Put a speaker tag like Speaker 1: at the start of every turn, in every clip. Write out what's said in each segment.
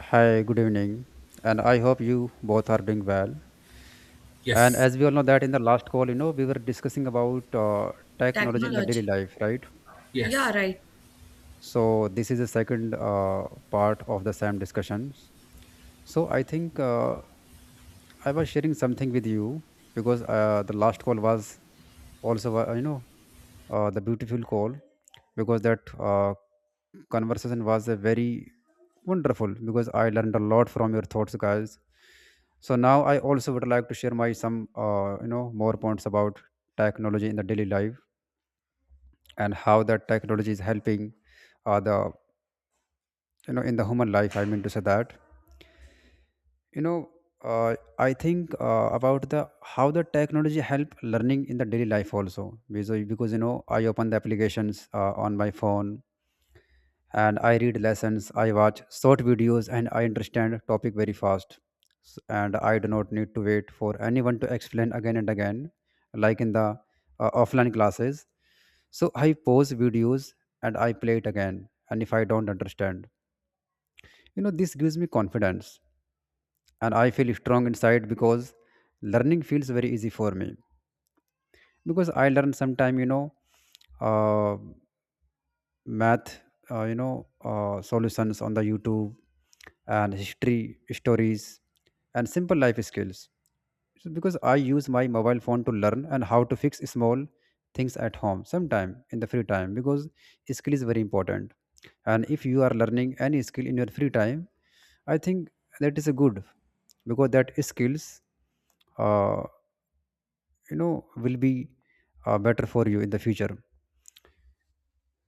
Speaker 1: Hi, good evening, and I hope you both are doing well. And
Speaker 2: Yes,
Speaker 1: as we all know that in the last call, you know, we were discussing about technology in the daily
Speaker 3: Technology.
Speaker 1: life, right?
Speaker 2: yes,
Speaker 3: Yeah, right.
Speaker 1: So this is the second part of the same discussions. So I think I was sharing something with you because the last call was also, the beautiful call because that conversation was a very wonderful because I learned a lot from your thoughts, guys. So now I also would like to share my some you know more points about technology in the daily life and how that technology is helping the you know in the human life. I mean to say that you know I think about the how the technology help learning in the daily life also because you know I open the applications on my phone, and I read lessons, I watch short videos, and I understand topic very fast. And I do not need to wait for anyone to explain again and again, like in the offline classes. So I pause videos and I play it again, and if I don't understand, you know, this gives me confidence and I feel strong inside because learning feels very easy for me because I learn sometime, you know, uh, math, solutions on the YouTube, and history stories, and simple life skills. So because I use my mobile phone to learn and how to fix small things at home sometime in the free time because skill is very important. And if you are learning any skill in your free time, I think that is a good because that skills uh, will be better for you in the future.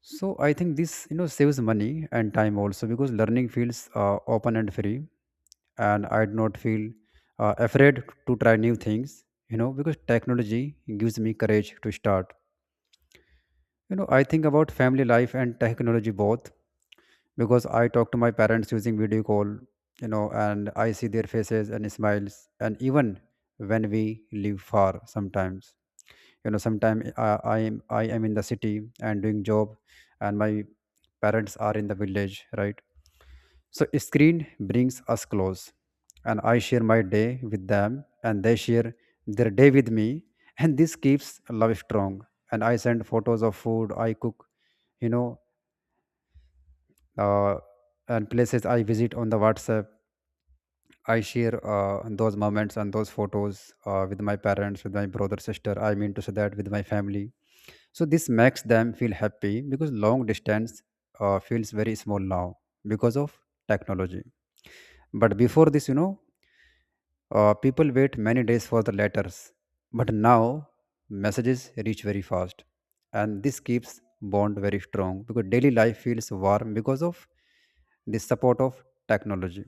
Speaker 1: So I think this, you know, saves money and time also because learning feels open and free, and I do not feel afraid to try new things. You know, because technology gives me courage to start. You know, I think about family life and technology both because I talk to my parents using video call. You know, and I see their faces and smiles, and even when we live far sometimes, you know, sometimes I am in the city and doing job, and my parents are in the village, right? So screen brings us close, and I share my day with them and they share their day with me, and this keeps love strong. And I send photos of food I cook, you know, uh, and places I visit on the WhatsApp. I share those moments and those photos with my parents, with my brother sister, I mean to say that with my family. So this makes them feel happy because long distance feels very small now because of technology. But before this, you know, people wait many days for the letters. But now messages reach very fast, and this keeps bond very strong because daily life feels warm because of the support of technology.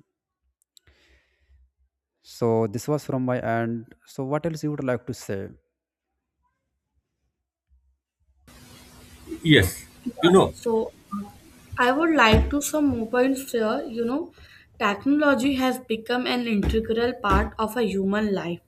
Speaker 1: So this was from my end. So what else you would like to say?
Speaker 2: yes, you know,
Speaker 3: So uh, I would like to some more points here. You know, technology has become an integral part of a human life.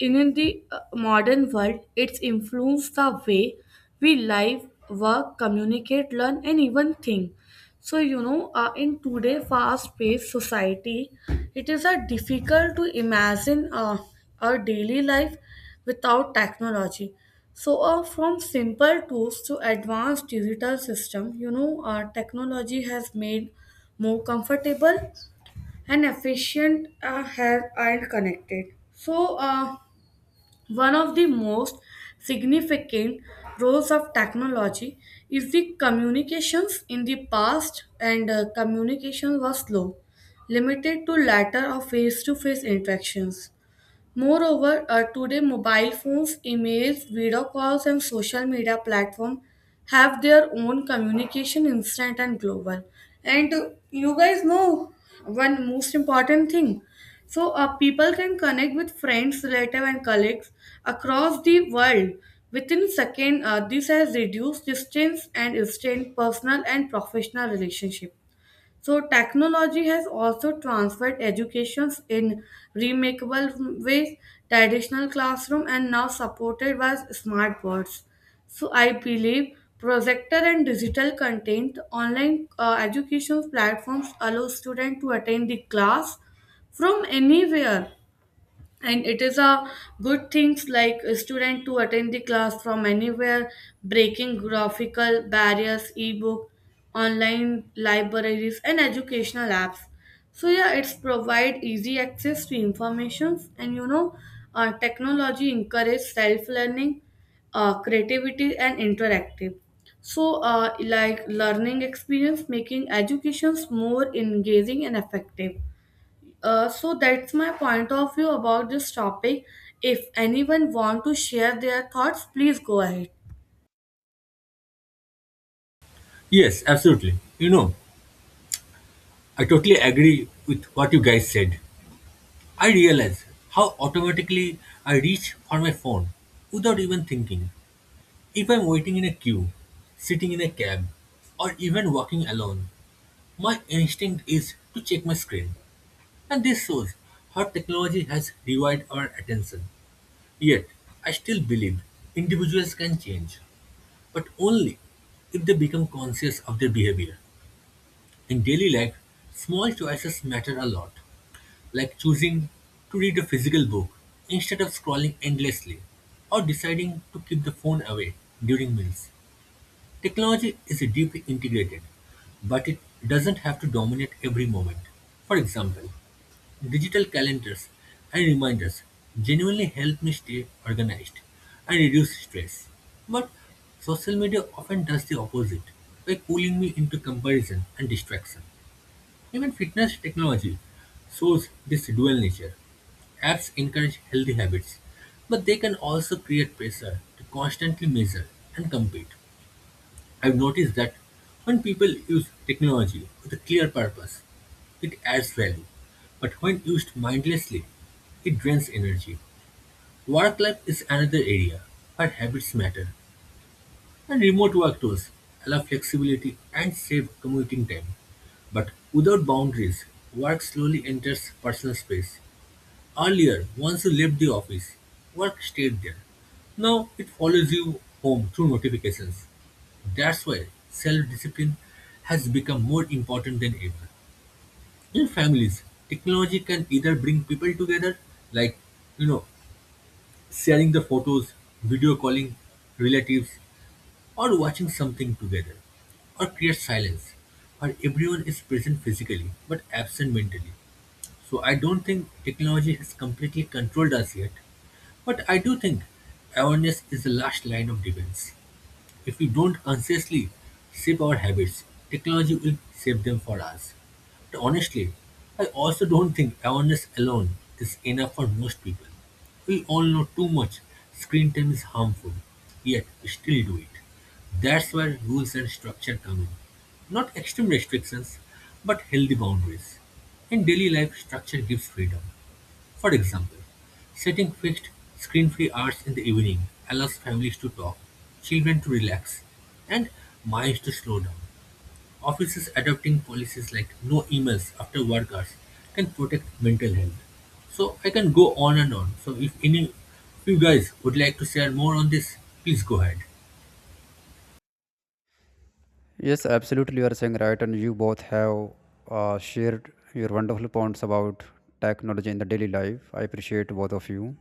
Speaker 3: And in the modern world, it's influenced the way we live, work, communicate, learn, and even think. So, in today's fast paced society, it is difficult to imagine our daily life without technology. So, from simple tools to advanced digital system, technology has made more comfortable and efficient and connected. So, one of the most significant roles of technology is the communications in the past, and communication was slow, limited to latter of face to face interactions. Moreover, today mobile phones, emails, video calls, and social media platforms have their own communication instant and global. And you guys know one most important thing. So, people can connect with friends, relatives, and colleagues across the world within second. This has reduced distance and strained personal and professional relationship. So technology has also transferred educations in remakable ways, traditional classroom and now supported by smart boards. So I believe projector and digital content online education platforms allow students to attend the class from anywhere, and it is a good things like a student to attend the class from anywhere, breaking graphical barriers, ebook, online libraries, and educational apps. So yeah, it's provide easy access to informations, and technology encourage self learning, creativity, and interactive. So like learning experience making educations more engaging and effective. So that's my point of view about this topic. If anyone want to share their thoughts, please go ahead.
Speaker 2: yes, absolutely. I totally agree with what you guys said. I realize how automatically I reach for my phone without even thinking. If I'm waiting in a queue, sitting in a cab, or even walking alone, my instinct is to check my screen. And this shows how technology has rewired our attention. Yet, I still believe individuals can change, but only if they become conscious of their behavior. In daily life, small choices matter a lot, like choosing to read a physical book instead of scrolling endlessly, or deciding to keep the phone away during meals. Technology is deeply integrated, but it doesn't have to dominate every moment. For example, digital calendars and reminders genuinely help me stay organized and reduce stress. But social media often does the opposite by pulling me into comparison and distraction. Even fitness technology shows this dual nature. Apps encourage healthy habits, but they can also create pressure to constantly measure and compete. I've noticed that when people use technology with a clear purpose, it adds value. But when used mindlessly, it drains energy. Work life is another area where habits matter, and remote work tools allow flexibility and save commuting time. But without boundaries, work slowly enters personal space. Earlier, once you left the office, work stayed there. Now it follows you home through notifications. That's why self discipline has become more important than ever. In families, technology can either bring people together, like, you know, sharing the photos, video calling relatives, or watching something together, or create silence where everyone is present physically but absent mentally. So I don't think technology has completely controlled us yet, but I do think awareness is the last line of defense. If we don't consciously shape our habits, technology will shape them for us. But honestly, I also don't think awareness alone is enough for most people. We all know too much screen time is harmful, yet we still do it. That's where rules and structure come in. Not extreme restrictions, but healthy boundaries. In daily life, structure gives freedom. For example, setting fixed screen-free hours in the evening allows families to talk, children to relax, and minds to slow down. Offices adopting policies like no emails after work hours can protect mental health. So I can go on and on. So if any of you guys would like to share more on this, please go ahead.
Speaker 1: Yes, absolutely. You are saying right, and you both have shared your wonderful points about technology in the daily life. I appreciate both of you.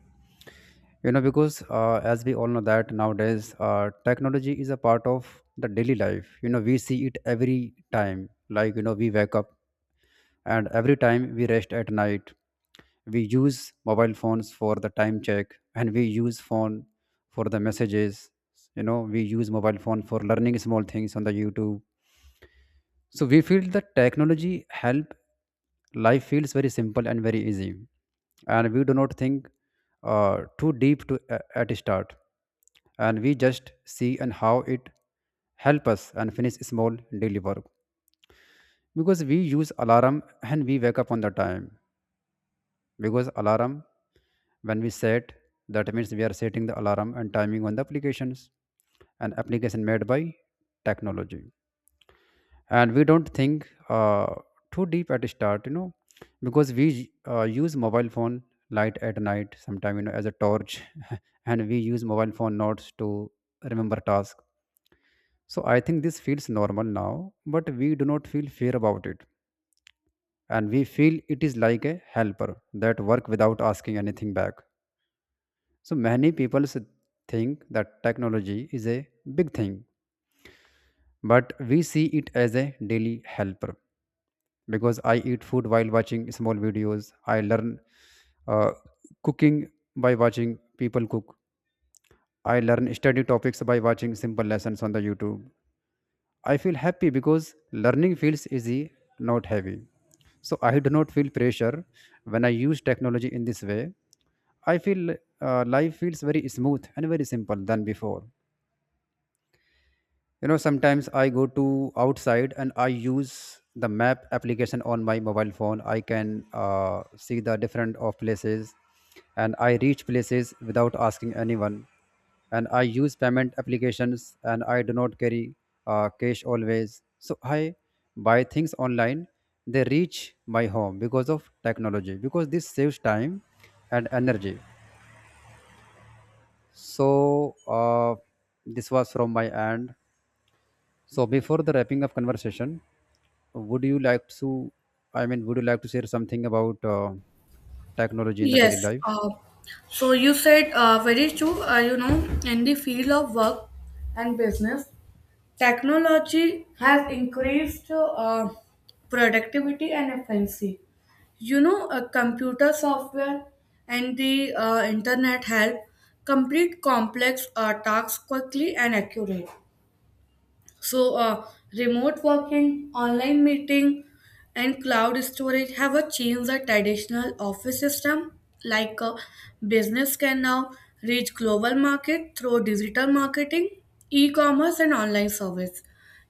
Speaker 1: You know, because as we all know that nowadays, technology is a part of the daily life. You know, we see it every time. Like, you know, we wake up, and every time we rest at night, we use mobile phones for the time check, and we use phone for the messages. You know, we use mobile phone for learning small things on the YouTube. So we feel that technology help life feels very simple and very easy, and we do not think too deep at start, and we just see and how it help us and finish small daily work because we use alarm and we wake up on the time. Because alarm, when we set, that means we are setting the alarm and timing on the applications, an application made by technology. And we don't think too deep at start, you know, because we use mobile phone light at night sometime, you know, as a torch. And we use mobile phone notes to remember task. So I think this feels normal now, but we do not feel fear about it, and we feel it is like a helper that work without asking anything back. So many people think that technology is a big thing, but we see it as a daily helper because I eat food while watching small videos. I learn uh, cooking by watching people cook. I learn study topics by watching simple lessons on the YouTube. I feel happy because learning feels easy, not heavy. So I do not feel pressure when I use technology in this way. I feel life feels very smooth and very simple than before. You know, sometimes I go to outside and I use the map application on my mobile phone. I can see the different of places, and I reach places without asking anyone. And I use payment applications and I do not carry cash always, so I buy things online, they reach my home because of technology, because this saves time and energy. So this was from my end. So before the wrapping up conversation, would you like to, I mean would you like to share something about technology in the
Speaker 3: Yes.
Speaker 1: daily life?
Speaker 3: Uh, so you said very true. You know, in the field of work and business, technology has increased productivity and efficiency. You know, computer software and the internet help complete complex tasks quickly and accurate. So, remote working, online meeting, and cloud storage have a changed the traditional office system. Like a business can now reach global market through digital marketing, e-commerce, and online service.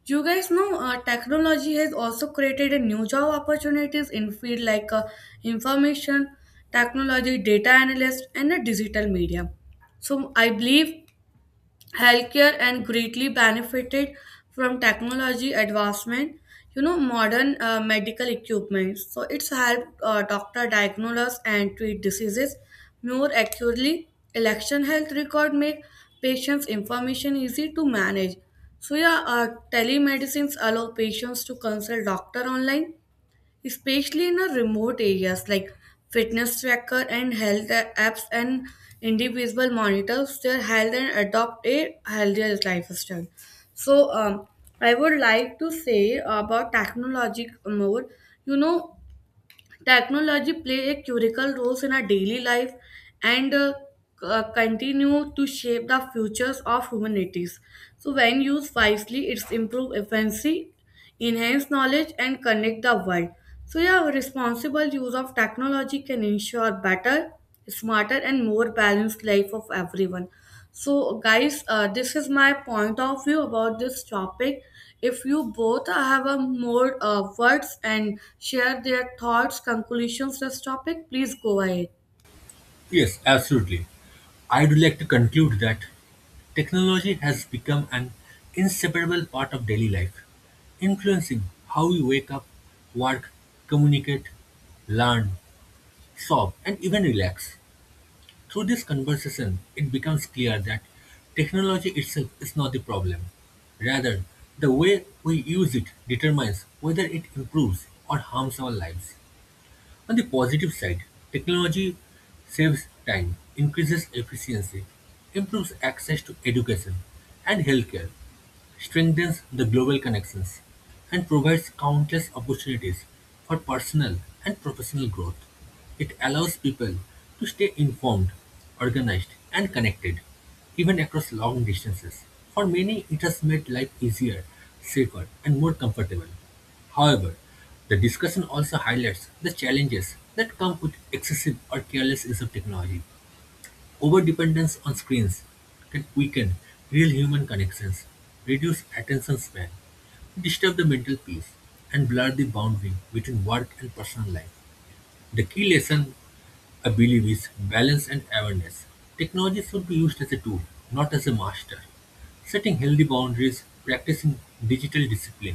Speaker 3: You guys know technology has also created a new job opportunities in field like information technology, data analyst, and a digital media. So I believe healthcare and greatly benefited from technology advancement. You know modern medical equipment, so it's helped doctor diagnose and treat diseases more accurately. Election health record make patients information easy to manage. So yeah, telemedicines allow patients to consult doctor online, especially in a remote areas like fitness tracker and apps, and individual monitors their health and adopt a healthier lifestyle. So I would like to say about technologic more. You know, technology play a critical role in our daily life, and continue to shape the futures of humanities. So when used wisely, it's improve efficiency, enhance knowledge, and connect the world. So yeah, responsible use of technology can ensure better, smarter, and more balanced life of everyone. So, guys, this is my point of view about this topic. If you both have a more words and share their thoughts, conclusions, this topic, please go ahead.
Speaker 2: Yes, absolutely. I'd like to conclude that technology has become an inseparable part of daily life, influencing how we wake up, work, communicate, learn, shop, and even relax. Through this conversation, it becomes clear that technology itself is not the problem. Rather, the way we use it determines whether it improves or harms our lives. On the positive side, technology saves time, increases efficiency, improves access to education and healthcare, strengthens the global connections, and provides countless opportunities for personal and professional growth. It allows people to stay informed, organized, and connected, even across long distances. For many, it has made life easier, safer, and more comfortable. However, the discussion also highlights the challenges that come with excessive or careless use of technology. Overdependence on screens can weaken real human connections, reduce attention span, disturb the mental peace, and blur the boundary between work and personal life. The key lesson, I believe, is balance and awareness. Technology should be used as a tool, not as a master. Setting healthy boundaries, practicing digital discipline,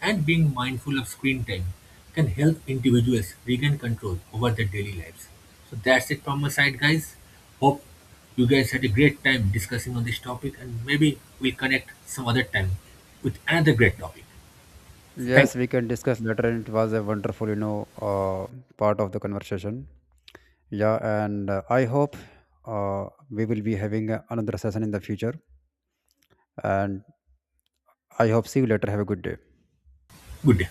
Speaker 2: and being mindful of screen time can help individuals regain control over their daily lives. So that's it from my side, guys. Hope you guys had a great time discussing on this topic, and maybe we'll connect some other time with another great topic. So thank
Speaker 1: Yes,
Speaker 2: you.
Speaker 1: we can discuss later, and it was a wonderful, you know, part of the conversation. Yeah. And I hope we will be having another session in the future, and I hope see you later. Have a good day.
Speaker 2: Good day.